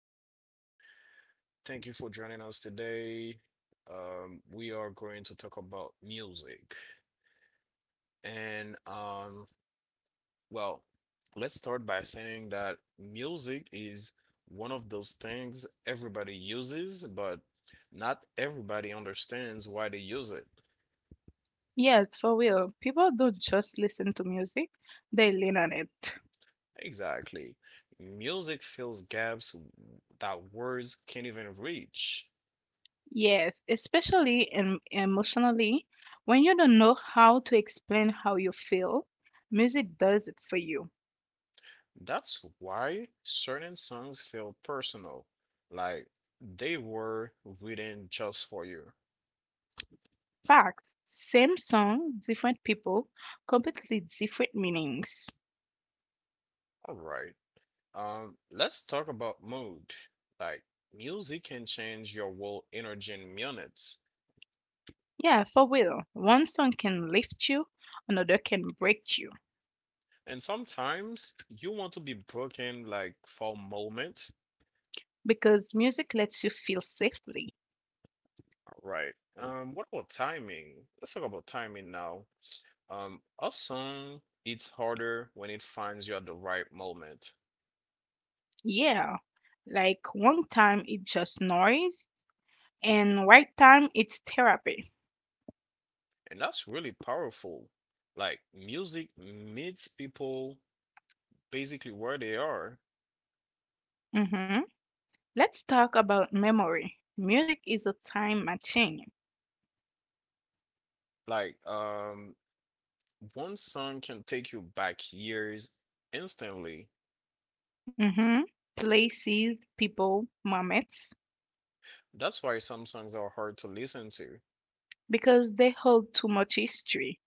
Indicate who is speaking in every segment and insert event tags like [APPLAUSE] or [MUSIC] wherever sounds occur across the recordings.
Speaker 1: Thank you for joining us today. We are going to talk about music. And well, let's start by saying that music is one of those things everybody uses, but not everybody understands why they use it.
Speaker 2: Yes, for real. People don't just listen to music, they lean on it.
Speaker 1: Exactly. Music fills gaps that words can't even reach.
Speaker 2: Yes, especially emotionally, when you don't know how to explain how you feel, music does it for you.
Speaker 1: That's why certain songs feel personal, like they were written just for you.
Speaker 2: Fact, same song, different people, completely different meanings.
Speaker 1: All right. Let's talk about mood. Like music can change your whole energy in minutes.
Speaker 2: Yeah, for real. One song can lift you, another can break you,
Speaker 1: And sometimes you want to be broken like for a moment.
Speaker 2: because music lets you feel safely.
Speaker 1: All right. What about timing? Let's talk about timing now. A song it's harder when it finds you at the right moment.
Speaker 2: Yeah. Like one time it's just noise, and right time it's therapy.
Speaker 1: And that's really powerful. Like music meets people basically where they are.
Speaker 2: Hmm. Let's talk about memory. Music is a time machine.
Speaker 1: Like one song can take you back years instantly.
Speaker 2: Hmm. Places, people, moments,
Speaker 1: That's why some songs are hard to listen to.
Speaker 2: because they hold too much history.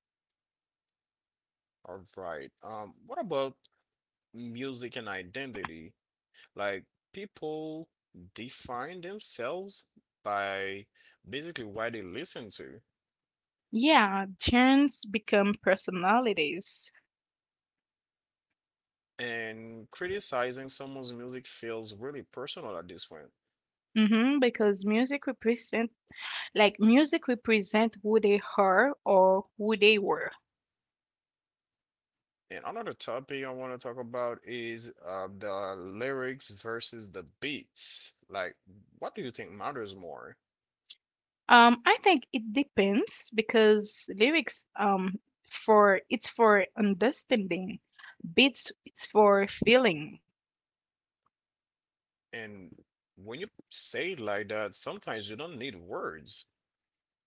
Speaker 1: All right. What about music and identity? Like people define themselves by basically why they listen to.
Speaker 2: Yeah, genres become personalities.
Speaker 1: And criticizing someone's music feels really personal at this point.
Speaker 2: Hmm, because music represent who they are or who they were.
Speaker 1: And another topic I want to talk about is the lyrics versus the beats. Like, what do you think matters more?
Speaker 2: I think it depends because lyrics for it's for understanding. Beats is for feeling,
Speaker 1: And when you say it like that, sometimes you don't need words.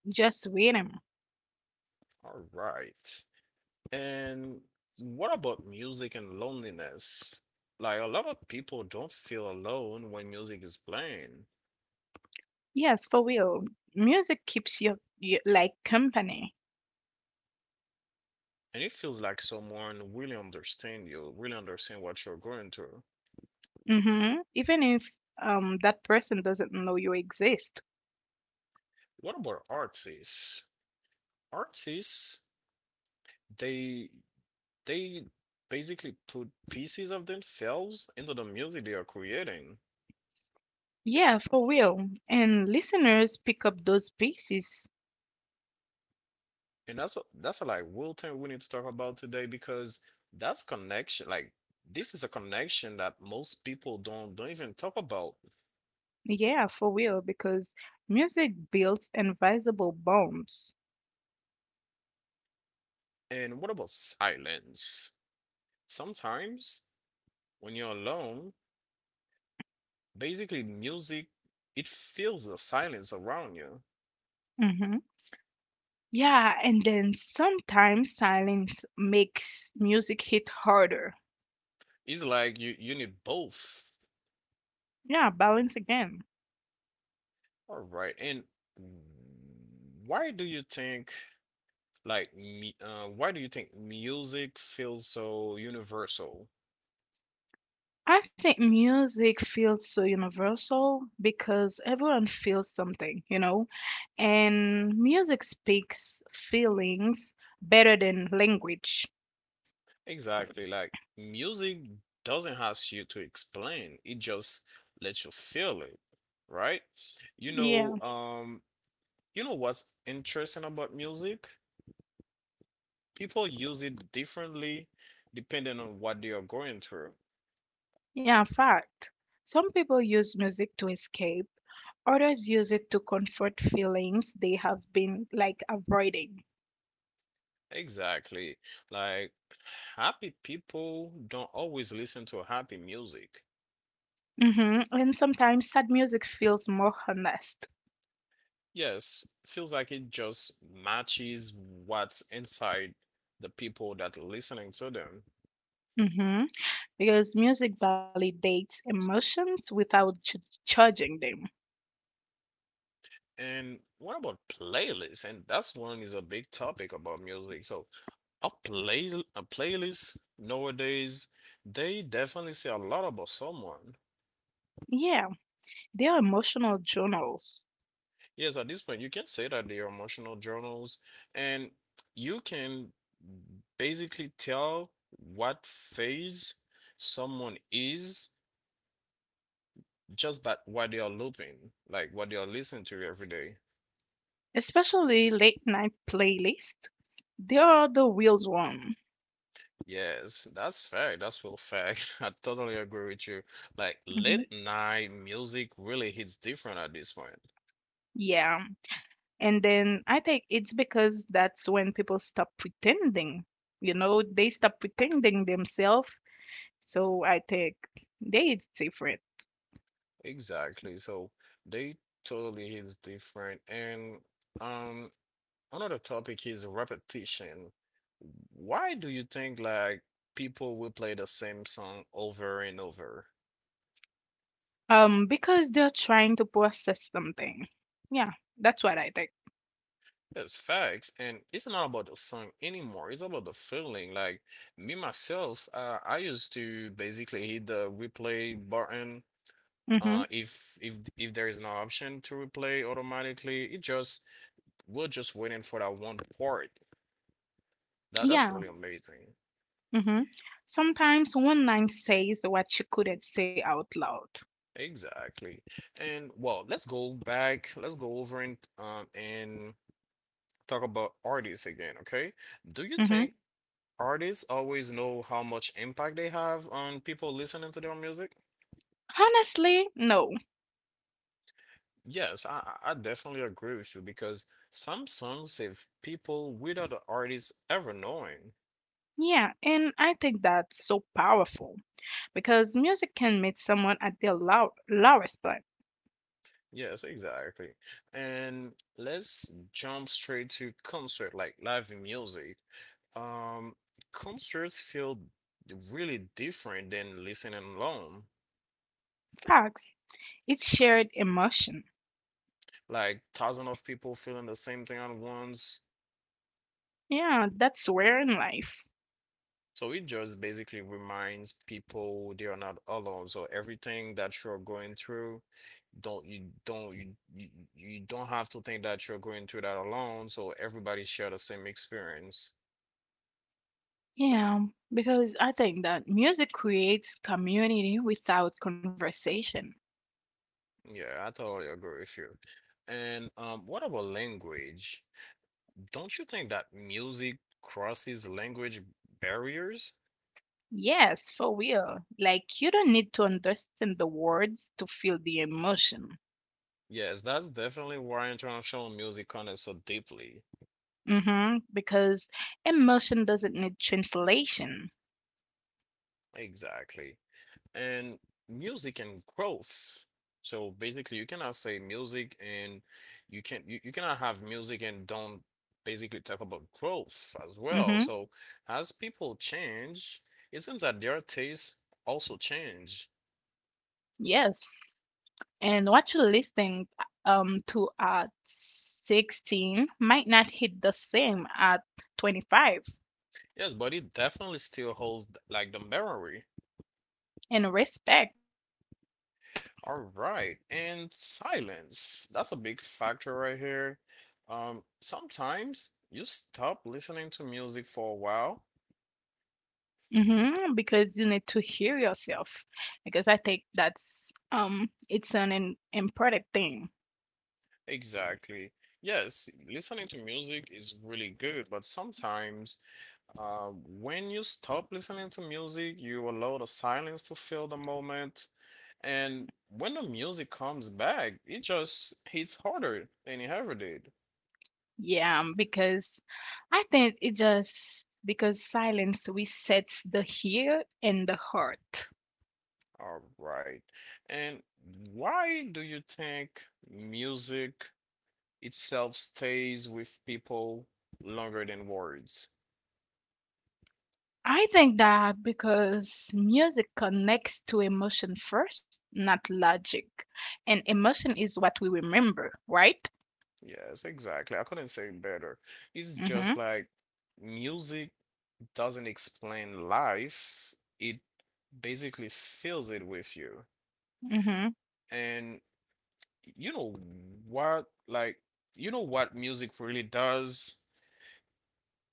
Speaker 2: just rhythm.
Speaker 1: All right. And what about music and loneliness? Like, a lot of people don't feel alone when music is playing.
Speaker 2: Yes, for real. Music keeps you, like company.
Speaker 1: And it feels like someone really understand you, really understand what you're going through.
Speaker 2: Hmm. Even if that person doesn't know you exist.
Speaker 1: What about artists? Artists. They they basically put pieces of themselves into the music they are creating.
Speaker 2: Yeah, for real. And listeners pick up those pieces.
Speaker 1: And that's a like real thing we need to talk about today because that's connection. Like this is a connection that most people don't even talk about.
Speaker 2: Yeah, for real, because music builds invisible bonds.
Speaker 1: And what about silence? Sometimes when you're alone, basically music it fills the silence around you.
Speaker 2: Hmm. Yeah, and then sometimes silence makes music hit harder.
Speaker 1: It's like you need both.
Speaker 2: Yeah, balance again.
Speaker 1: All right. And why do you think why do you think music feels so universal?
Speaker 2: I think music feels so universal because everyone feels something, you know, and music speaks feelings better than language.
Speaker 1: Exactly. Like, music doesn't ask you to explain, it just lets you feel it, right? You
Speaker 2: Yeah,
Speaker 1: know, um, you know what's interesting about music? People use it differently depending on what they are going through.
Speaker 2: yeah, fact. Some people use music to escape, others use it to comfort feelings they have been like avoiding.
Speaker 1: Exactly. Like, happy people don't always listen to happy music.
Speaker 2: Hmm. And sometimes sad music feels more honest.
Speaker 1: Yes, feels like it just matches what's inside the people that listening to them.
Speaker 2: Hmm. Because music validates emotions without judging them.
Speaker 1: And what about playlists? And that's one is a big topic about music. So a play a playlist nowadays, they definitely say a lot about someone.
Speaker 2: Yeah, they are emotional journals,
Speaker 1: Yes, at this point, you can say that they are emotional journals, and you can basically tell what phase someone is just but what they are looping, like what they are listening to every day.
Speaker 2: especially late night playlist. They are the wheels one.
Speaker 1: Yes, that's fact. That's real fact. [LAUGHS] I totally agree with you. Like
Speaker 2: Mhm.
Speaker 1: late night music really hits different at this point.
Speaker 2: Yeah, and then I think it's because that's when people stop pretending. You know, they stop pretending themselves. So I think they it's different.
Speaker 1: Exactly. So they totally hits different. And um, another topic is repetition. Why do you think like people will play the same song over and over?
Speaker 2: Because they're trying to process something. Yeah, that's what I think.
Speaker 1: That's facts, and it's not about the song anymore. It's about the feeling. Like me myself, I used to basically hit the replay button.
Speaker 2: Mm-hmm.
Speaker 1: If there is no option to replay automatically, it just we're just waiting for that one part. That's
Speaker 2: Yeah.
Speaker 1: really amazing.
Speaker 2: Mm-hmm. Sometimes one line says what she couldn't say out loud.
Speaker 1: Exactly. And well, let's go back. Let's go over and talk about artists again. Okay. Do you
Speaker 2: Mm-hmm.
Speaker 1: think artists always know how much impact they have on people listening to their music?
Speaker 2: Honestly, no.
Speaker 1: Yes, I definitely agree with you because some songs save people without the artist ever knowing.
Speaker 2: Yeah, and I think that's so powerful, because music can meet someone at their lowest point.
Speaker 1: Yes, exactly. And let's jump straight to concert, like live music. Um, concerts feel really different than listening alone.
Speaker 2: Facts. It's shared emotion.
Speaker 1: Like thousands of people feeling the same thing at once.
Speaker 2: Yeah, that's rare in life.
Speaker 1: So it just basically reminds people they are not alone. So everything that you're going through, don't you you, you don't have to think that you're going through that alone. So everybody share the same experience.
Speaker 2: Yeah, because I think that music creates community without conversation.
Speaker 1: Yeah, I totally agree with you. And what about language? Don't you think that music crosses language barriers?
Speaker 2: Yes, for real. Like, you don't need to understand the words to feel the emotion.
Speaker 1: Yes, that's definitely why international music connects so deeply.
Speaker 2: Mm-hmm, because emotion doesn't need translation.
Speaker 1: Exactly. And music and growth. So basically, you cannot say music and you cannot have music and don't basically talk about growth as well.
Speaker 2: Mm-hmm.
Speaker 1: So as people change, it seems that their tastes also change.
Speaker 2: Yes, and what you listening to at 16 might not hit the same at 25
Speaker 1: Yes, but it definitely still holds like the memory.
Speaker 2: and respect.
Speaker 1: All right, and silence. That's a big factor right here. Sometimes you stop listening to music for a while.
Speaker 2: Hmm, because you need to hear yourself, because I think that's it's an important thing.
Speaker 1: Exactly. Yes, listening to music is really good, but sometimes uh, when you stop listening to music, you allow the silence to fill the moment. And when the music comes back, it just hits harder than it ever did.
Speaker 2: Yeah, because I think it just because silence resets the ear and the heart.
Speaker 1: All right. And why do you think music itself stays with people longer than words?
Speaker 2: I think that because music connects to emotion first, not logic. And emotion is what we remember, right?
Speaker 1: Yes, exactly. I couldn't say it better. It's just
Speaker 2: Mhm.
Speaker 1: like music doesn't explain life, it basically fills it with you.
Speaker 2: Mhm.
Speaker 1: And you know what, you know what music really does?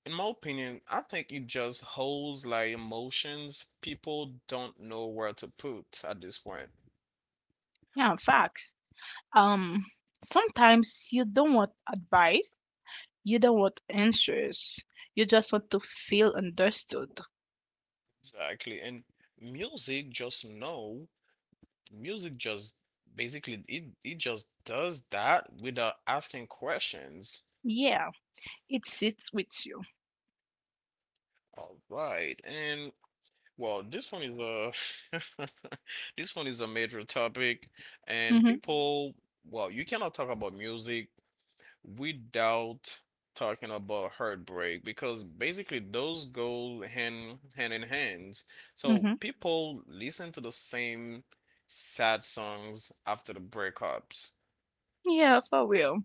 Speaker 1: In my opinion, I think it just holds like emotions people don't know where to put at this point.
Speaker 2: Yeah, facts. Um sometimes you don't want advice, you don't want answers. You just want to feel understood.
Speaker 1: Exactly. And music just know music just basically it just does that without asking questions.
Speaker 2: Yeah, it sits with you.
Speaker 1: All right. And well, this one is a [LAUGHS] this one is a major topic and
Speaker 2: Mhm.
Speaker 1: people, well, you cannot talk about music without talking about heartbreak because basically those go hand in hands. So
Speaker 2: Mhm.
Speaker 1: people listen to the same sad songs after the breakups.
Speaker 2: Yeah, for real.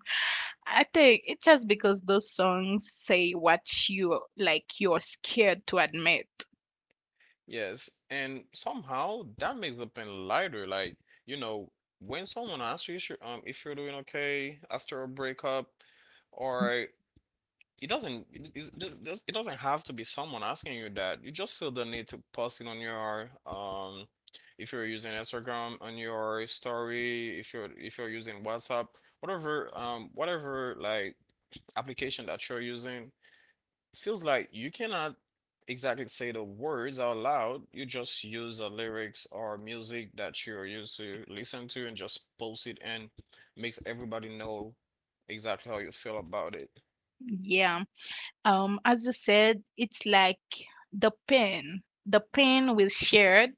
Speaker 2: I think it's just because those songs say what you like you're scared to admit.
Speaker 1: Yes, and somehow that makes the pain lighter. Like, you know, when someone asks you if you're doing okay after a breakup, or it doesn't it, it, it it doesn't have to be someone asking you that. You just feel the need to post it on your if you're using Instagram on your story, if you're using WhatsApp, whatever like application that you're using, feels like you cannot exactly say the words out loud. You just use the lyrics or music that you're used to listen to and just post it and makes everybody know exactly how you feel about it.
Speaker 2: Yeah. As you said, it's like the pain. The pain will shared,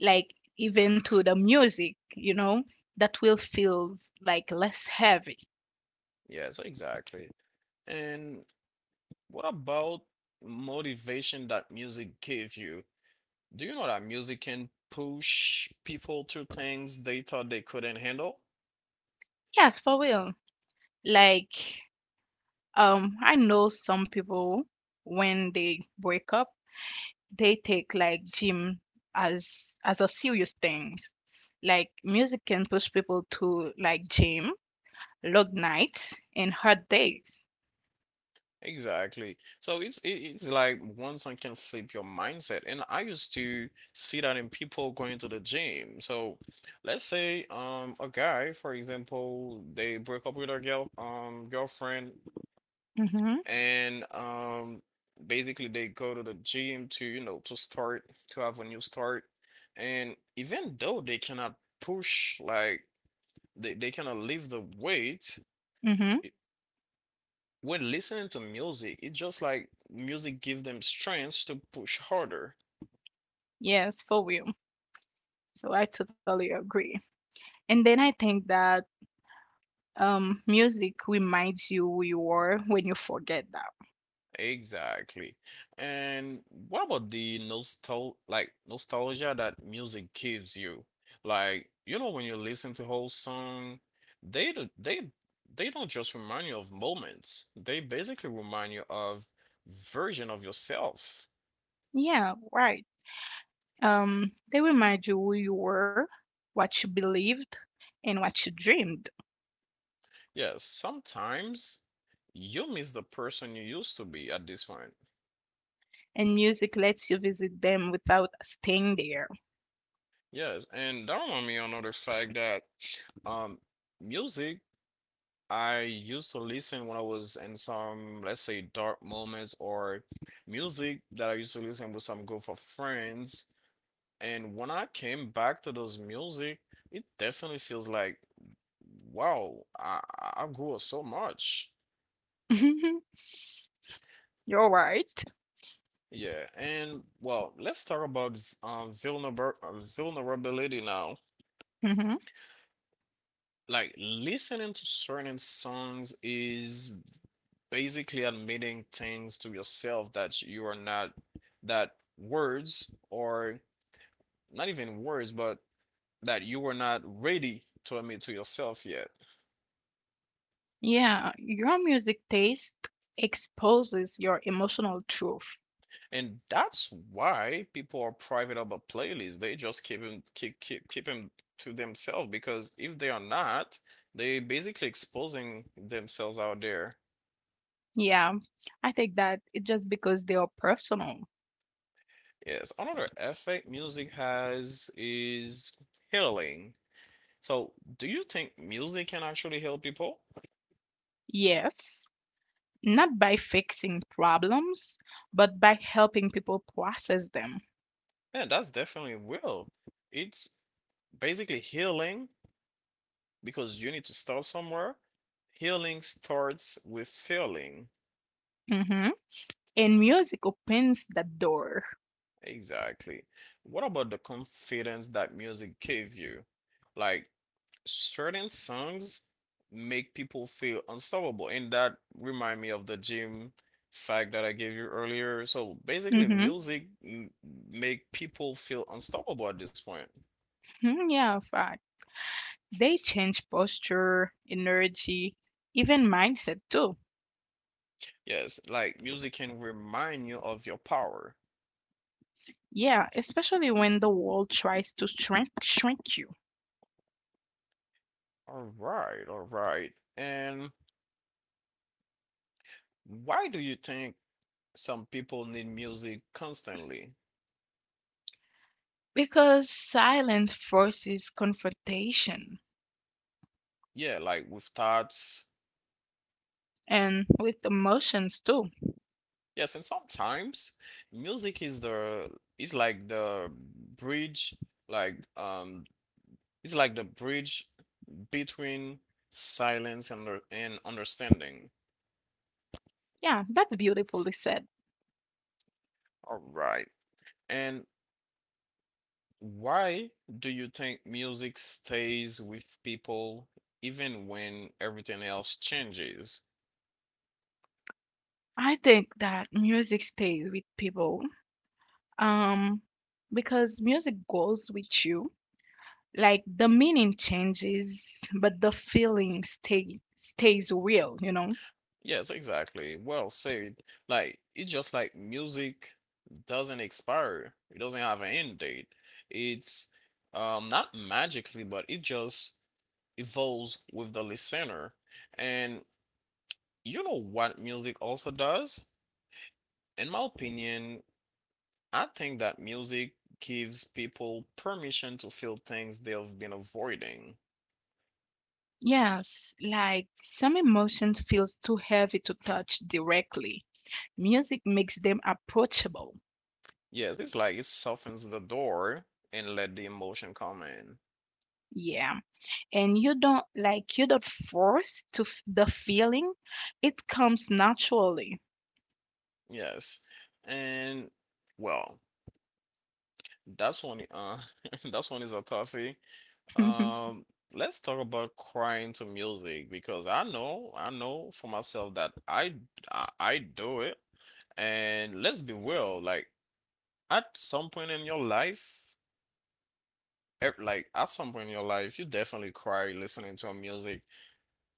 Speaker 2: like even to the music, you know, that will feel like less heavy.
Speaker 1: Yes, exactly. And what about motivation that music gives you? Do you know that music can push people to things they thought they couldn't handle?
Speaker 2: Yes, for real. Like, I know some people when they break up, they take like gym as a serious thing. Like music can push people to like gym, long nights, and hard days.
Speaker 1: Exactly. So it's like once I can flip your mindset, and I used to see that in people going to the gym. So let's say a guy, for example, they break up with their girlfriend,
Speaker 2: Mm-hmm.
Speaker 1: and basically they go to the gym to you know to start to have a new start, and even though push like they cannot lift the weight.
Speaker 2: Mm-hmm.
Speaker 1: When listening to music, it's just like music gives them strength to push harder.
Speaker 2: Yes, for real. So I totally agree. And then I think that music reminds you who you are when you forget that.
Speaker 1: Exactly. And what about the nostalgia that music gives you? Like, you know, when you listen to whole song, they do, they don't just remind you of moments. They basically remind you of version of yourself.
Speaker 2: Yeah, right. They remind you who you were, what you believed, and what you dreamed.
Speaker 1: Yes, sometimes you miss the person you used to be at this point.
Speaker 2: And music lets you visit them without staying there.
Speaker 1: Yes, and that remind me of another fact that Um, music I used to listen when I was in some, let's say, dark moments or music that I used to listen with some group of friends. And when I came back to those music, it definitely feels like, wow, I grew up so much.
Speaker 2: [LAUGHS] You're right.
Speaker 1: Yeah, and well, let's talk about um vulnerab vulnerability now.
Speaker 2: [LAUGHS]
Speaker 1: Like listening to certain songs is basically admitting things to yourself that words or not even words but that you were not ready to admit to yourself yet.
Speaker 2: Yeah, your music taste exposes your emotional truth.
Speaker 1: And that's why people are private about playlists. They just keep them to themselves because if they are not they basically exposing themselves out there.
Speaker 2: Yeah, I think that it's just because they are personal.
Speaker 1: Yes, another effect music has is healing. So do you think music can actually heal people?
Speaker 2: Yes, not by fixing problems, but by helping people process them.
Speaker 1: Yeah, that's definitely will. It's basically healing because you need to start somewhere. Healing starts with feeling.
Speaker 2: Hmm. And music opens that door.
Speaker 1: Exactly. What about the confidence that music gave you? Like certain songs make people feel unstoppable, and that remind me of the gym fact that I gave you earlier. So basically,
Speaker 2: Hmm.
Speaker 1: music make people feel unstoppable at this point.
Speaker 2: Hmm, yeah, fact. They change posture, energy, even mindset too.
Speaker 1: Yes, like music can remind you of your power.
Speaker 2: Yeah, especially when the world tries to shrink you.
Speaker 1: All right, all right. And why do you think some people need music constantly?
Speaker 2: Because silence forces confrontation
Speaker 1: Yeah, like with thoughts.
Speaker 2: and with emotions too.
Speaker 1: Yes, and sometimes music is like the bridge, like it's like the bridge between silence and understanding.
Speaker 2: Yeah, that's beautifully said.
Speaker 1: All right. And why do you think music stays with people even when everything else changes?
Speaker 2: I think that music stays with people, um, because music goes with you. Like the meaning changes, but the stays real, you know?
Speaker 1: Yes, exactly. Well said. Like it's just like music doesn't expire. It doesn't have an end date. It's not magically, but it just evolves with the listener. And you know what music also does? In my opinion, I think that music gives people permission to feel things they've been avoiding.
Speaker 2: Yes, like some emotions feels too heavy to touch directly. Music makes them approachable.
Speaker 1: Yes, it's like it softens the door and let the emotion come in.
Speaker 2: Yeah. And you don't force to the feeling. It comes naturally.
Speaker 1: Yes. And well, that's one [LAUGHS] that's one is a toughie.
Speaker 2: [LAUGHS]
Speaker 1: Um let's talk about crying to music because I know for myself that I do it. And let's be real, like at some point in your life like at some point in your life you definitely cry listening to a music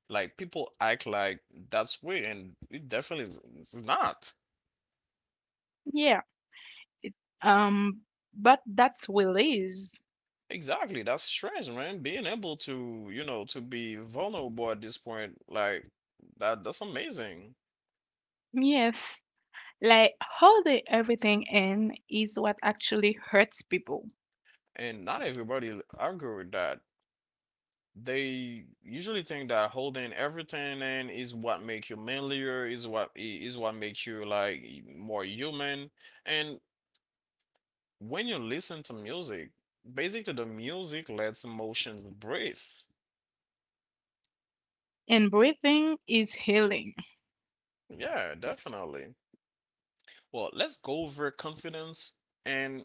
Speaker 1: like people act like that's weird and it definitely is it's not.
Speaker 2: Yeah. It, um but that's release.
Speaker 1: Exactly. That's strange, man. Being able to, you know, to be vulnerable at this point, like that's amazing.
Speaker 2: Yes. Like holding everything in is what actually hurts people.
Speaker 1: And not everybody agree with that. They usually think that holding everything in is what makes you manlier, is what is what makes you like more human. And when you listen to music, basically the music lets emotions breathe.
Speaker 2: And breathing is healing.
Speaker 1: Yeah, definitely. Well, let's go over confidence and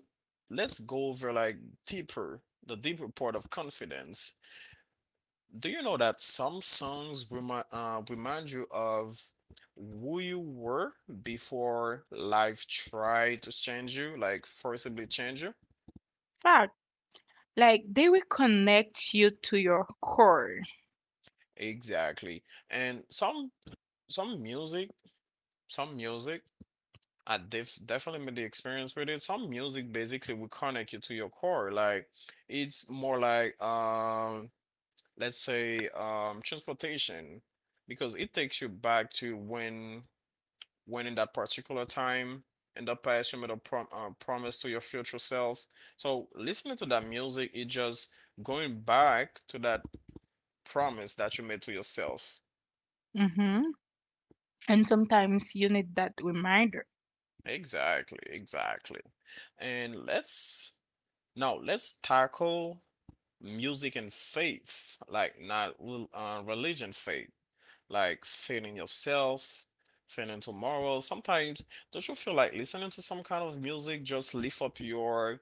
Speaker 1: let's go over like the deeper part of confidence. Do you know that some songs remind you of who you were before life tried to change you, like forcibly change you?
Speaker 2: Fact, like they will connect you to your core.
Speaker 1: Exactly. And some music, some music, I definitely made the experience with it. Some music basically will connect you to your core, like it's more like let's say transportation because it takes you back to when in that particular time in the past you made a promise to your future self, so listening to that music is just going back to that promise that you made to yourself.
Speaker 2: Hmm. And sometimes you need that reminder.
Speaker 1: Exactly, exactly. And let's now let's tackle music and faith, like not religion faith, like feeling yourself, feeling tomorrow. Sometimes, don't you feel like listening to some kind of music just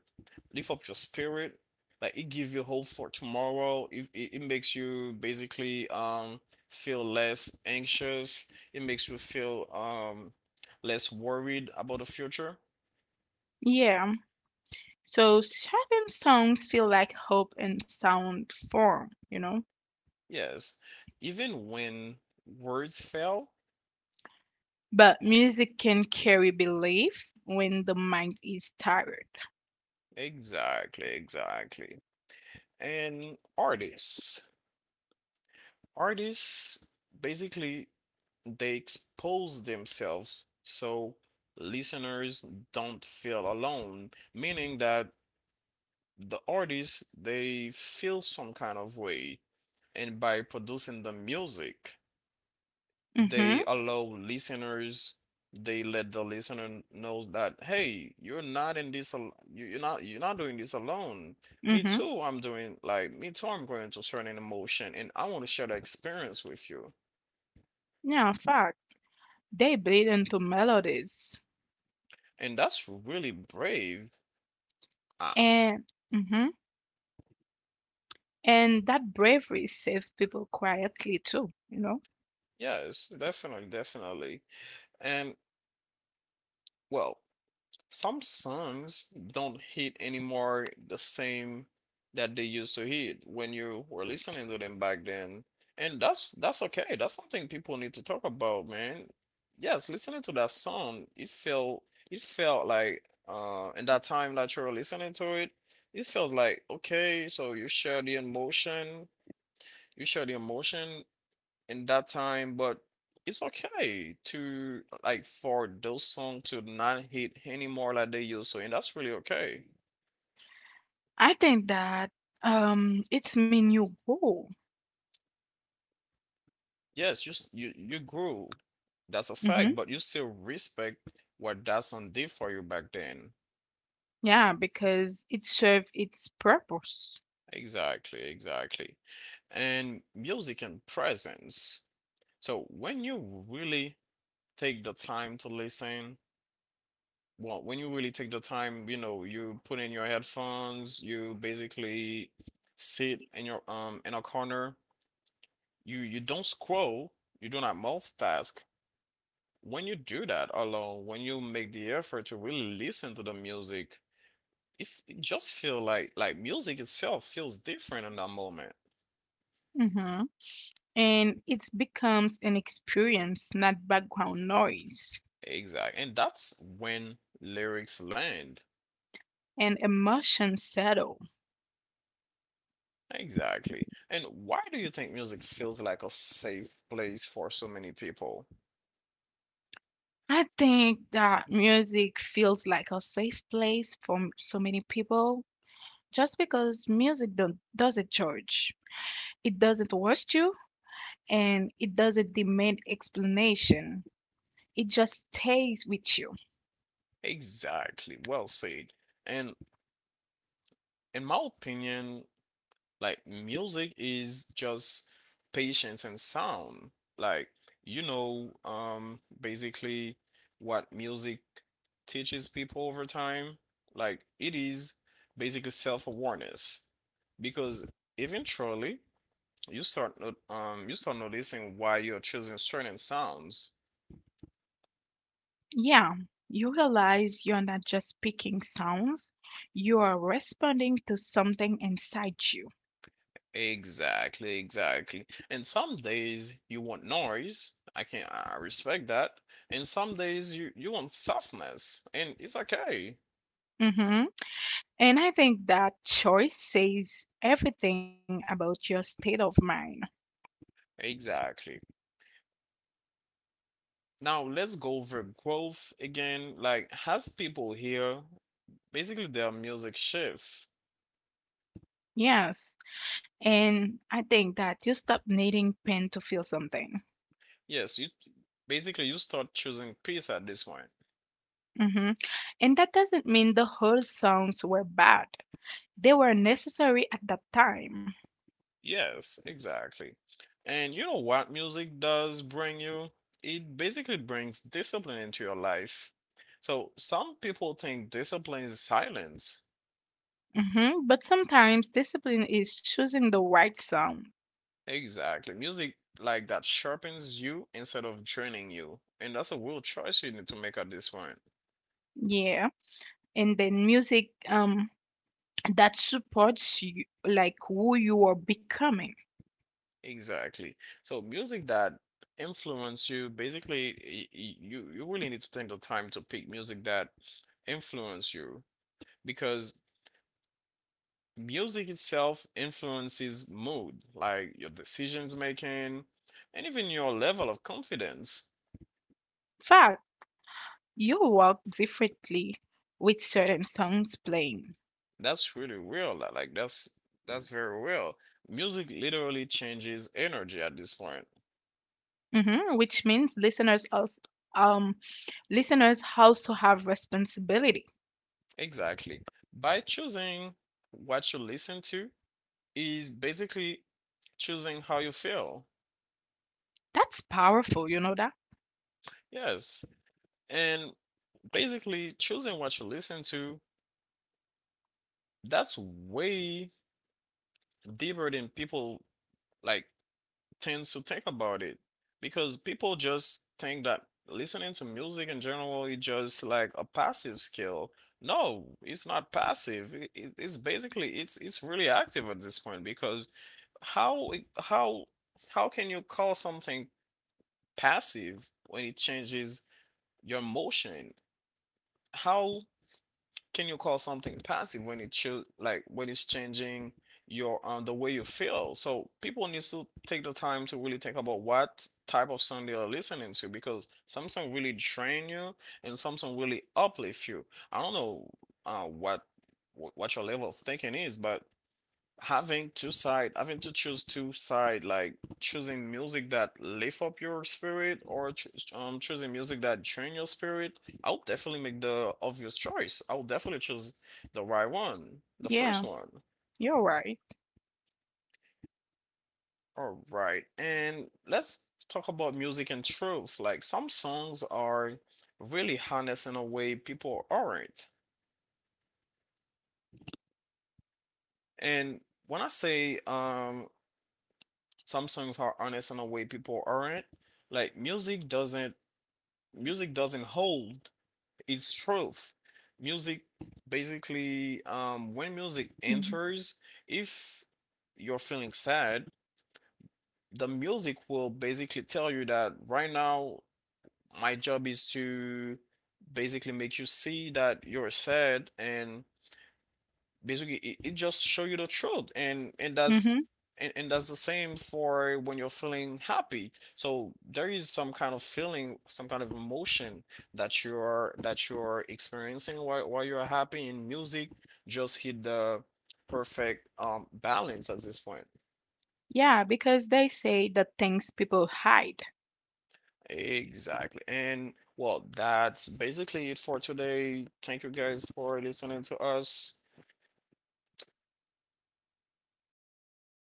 Speaker 1: lift up your spirit? Like it gives you hope for tomorrow. If it, it makes you basically feel less anxious. It makes you feel less worried about the future.
Speaker 2: Yeah. So certain songs feel like hope in sound form, you know.
Speaker 1: Yes. Even when words fail.
Speaker 2: But music can carry belief when the mind is tired.
Speaker 1: Exactly, exactly. And artists. Artists basically, they expose themselves so listeners don't feel alone, meaning that the artists they feel some kind of way, and by producing the music, they
Speaker 2: Hmm.
Speaker 1: allow listeners, they let the listener know that hey, you're not in this you're not doing this alone, me
Speaker 2: Hmm.
Speaker 1: too, I'm doing like me too I'm going to certain emotion and I want to share that experience with you,
Speaker 2: Yeah, fact. They bleed into melodies.
Speaker 1: and that's really brave. I—
Speaker 2: And hmm and that bravery saves people quietly too, you know.
Speaker 1: Yes, definitely, definitely. And well, some songs don't hit anymore the same that they used to hit when you were listening to them back then. And that's okay. That's something people need to talk about, man. Yes, listening to that song, it felt like in that time that you were listening to it, it feels like okay, so you share the emotion in that time, but it's okay to like for those songs to not hit anymore like they used to, and that's really okay.
Speaker 2: I think that it's mean you go.
Speaker 1: Yes, you you grew, that's a fact,
Speaker 2: Hmm.
Speaker 1: but you still respect what that song did for you back then.
Speaker 2: Yeah, because it serves its purpose.
Speaker 1: Exactly, exactly. And music and presence. So when you really take the time to listen, Well, when you really take the time, you know, you put in your headphones, you basically sit in your in a corner. You don't scroll, you do not multitask. When you do that alone, when you make the effort to really listen to the music, if it just feel like music itself feels different in that moment.
Speaker 2: Hmm. And it becomes an experience, not background noise.
Speaker 1: Exactly. And that's when lyrics land.
Speaker 2: And emotion settle.
Speaker 1: Exactly. And why do you think music feels like a safe place for so many people?
Speaker 2: I think that music feels like a safe place for so many people. Just because music don't, doesn't judge, it doesn't rush you, and it doesn't demand explanation. It just stays with you.
Speaker 1: Exactly. Well said. And in my opinion, like music is just patience and sound. Like you know, basically what music teaches people over time. Like it is basically self-awareness because eventually you start not- you start noticing why you're choosing certain sounds.
Speaker 2: Yeah, you realize you're not just picking sounds, you are responding to something inside you.
Speaker 1: Exactly, exactly. And some days you want noise. I respect that. And some days you want softness, and it's okay.
Speaker 2: Hmm. And I think that choice says everything about your state of mind.
Speaker 1: Exactly. Now let's go over growth again. Like has people here, basically their music shift.
Speaker 2: Yes. And I think that you stop needing pen to feel something.
Speaker 1: Yes, you start choosing peace at this point.
Speaker 2: Hmm. And that doesn't mean the whole sounds were bad. They were necessary at that time.
Speaker 1: Yes, exactly. And you know what music does bring you? It basically brings discipline into your life. So some people think discipline is silence.
Speaker 2: Hmm. But sometimes discipline is choosing the right sound.
Speaker 1: Exactly. Music like that sharpens you instead of draining you. And that's a real choice you need to make at this point.
Speaker 2: Yeah, and then music that supports you, like who you are becoming.
Speaker 1: Exactly. So music that influence you, basically, you you really need to take the time to pick music that influence you because music itself influences mood, like your decisions making and even your level of confidence.
Speaker 2: Fact, you walk differently with certain songs playing,
Speaker 1: That's really real. Like that's very real. Music literally changes energy at this point.
Speaker 2: hmm, which means um listeners also have responsibility.
Speaker 1: Exactly. By choosing what you listen to is basically choosing how you feel.
Speaker 2: That's powerful, you know that?
Speaker 1: Yes. And basically choosing what you listen to, that's way deeper than people like tends to think about it, because people just think that listening to music in general is just like a passive skill. No, it's not passive. It's it's really active at this point because how it- how can you call something passive when it changes your motion? How can you call something passive when it should like when it's changing your the way you feel, so people need to take the time to really think about what type of song they are listening to because some song really drain you and some song really uplift you. I don't know uh what what your level of thinking is, but having to choose two side, like choosing music that lift up your spirit or choosing music that drain your spirit, I'll definitely make the obvious choice, I'll definitely choose the right one, the first
Speaker 2: Yeah,
Speaker 1: one.
Speaker 2: you're right.
Speaker 1: All right, and let's talk about music and truth, like some songs are really honest in a way people aren't. And when I say some songs are honest in a way people aren't, like music doesn't hold its truth. Music basically, when music
Speaker 2: Hmm.
Speaker 1: enters, if you're feeling sad, the music will basically tell you that right now my job is to basically make you see that you're sad, and basically it just show you the truth, and that's
Speaker 2: Hmm.
Speaker 1: and that's the same for when you're feeling happy, so there is some kind of feeling, some kind of emotion that you're experiencing while you're happy in music just hit the perfect balance at this point.
Speaker 2: Yeah, because they say the things people hide.
Speaker 1: Exactly, and well, that's basically it for today. Thank you guys for listening to us.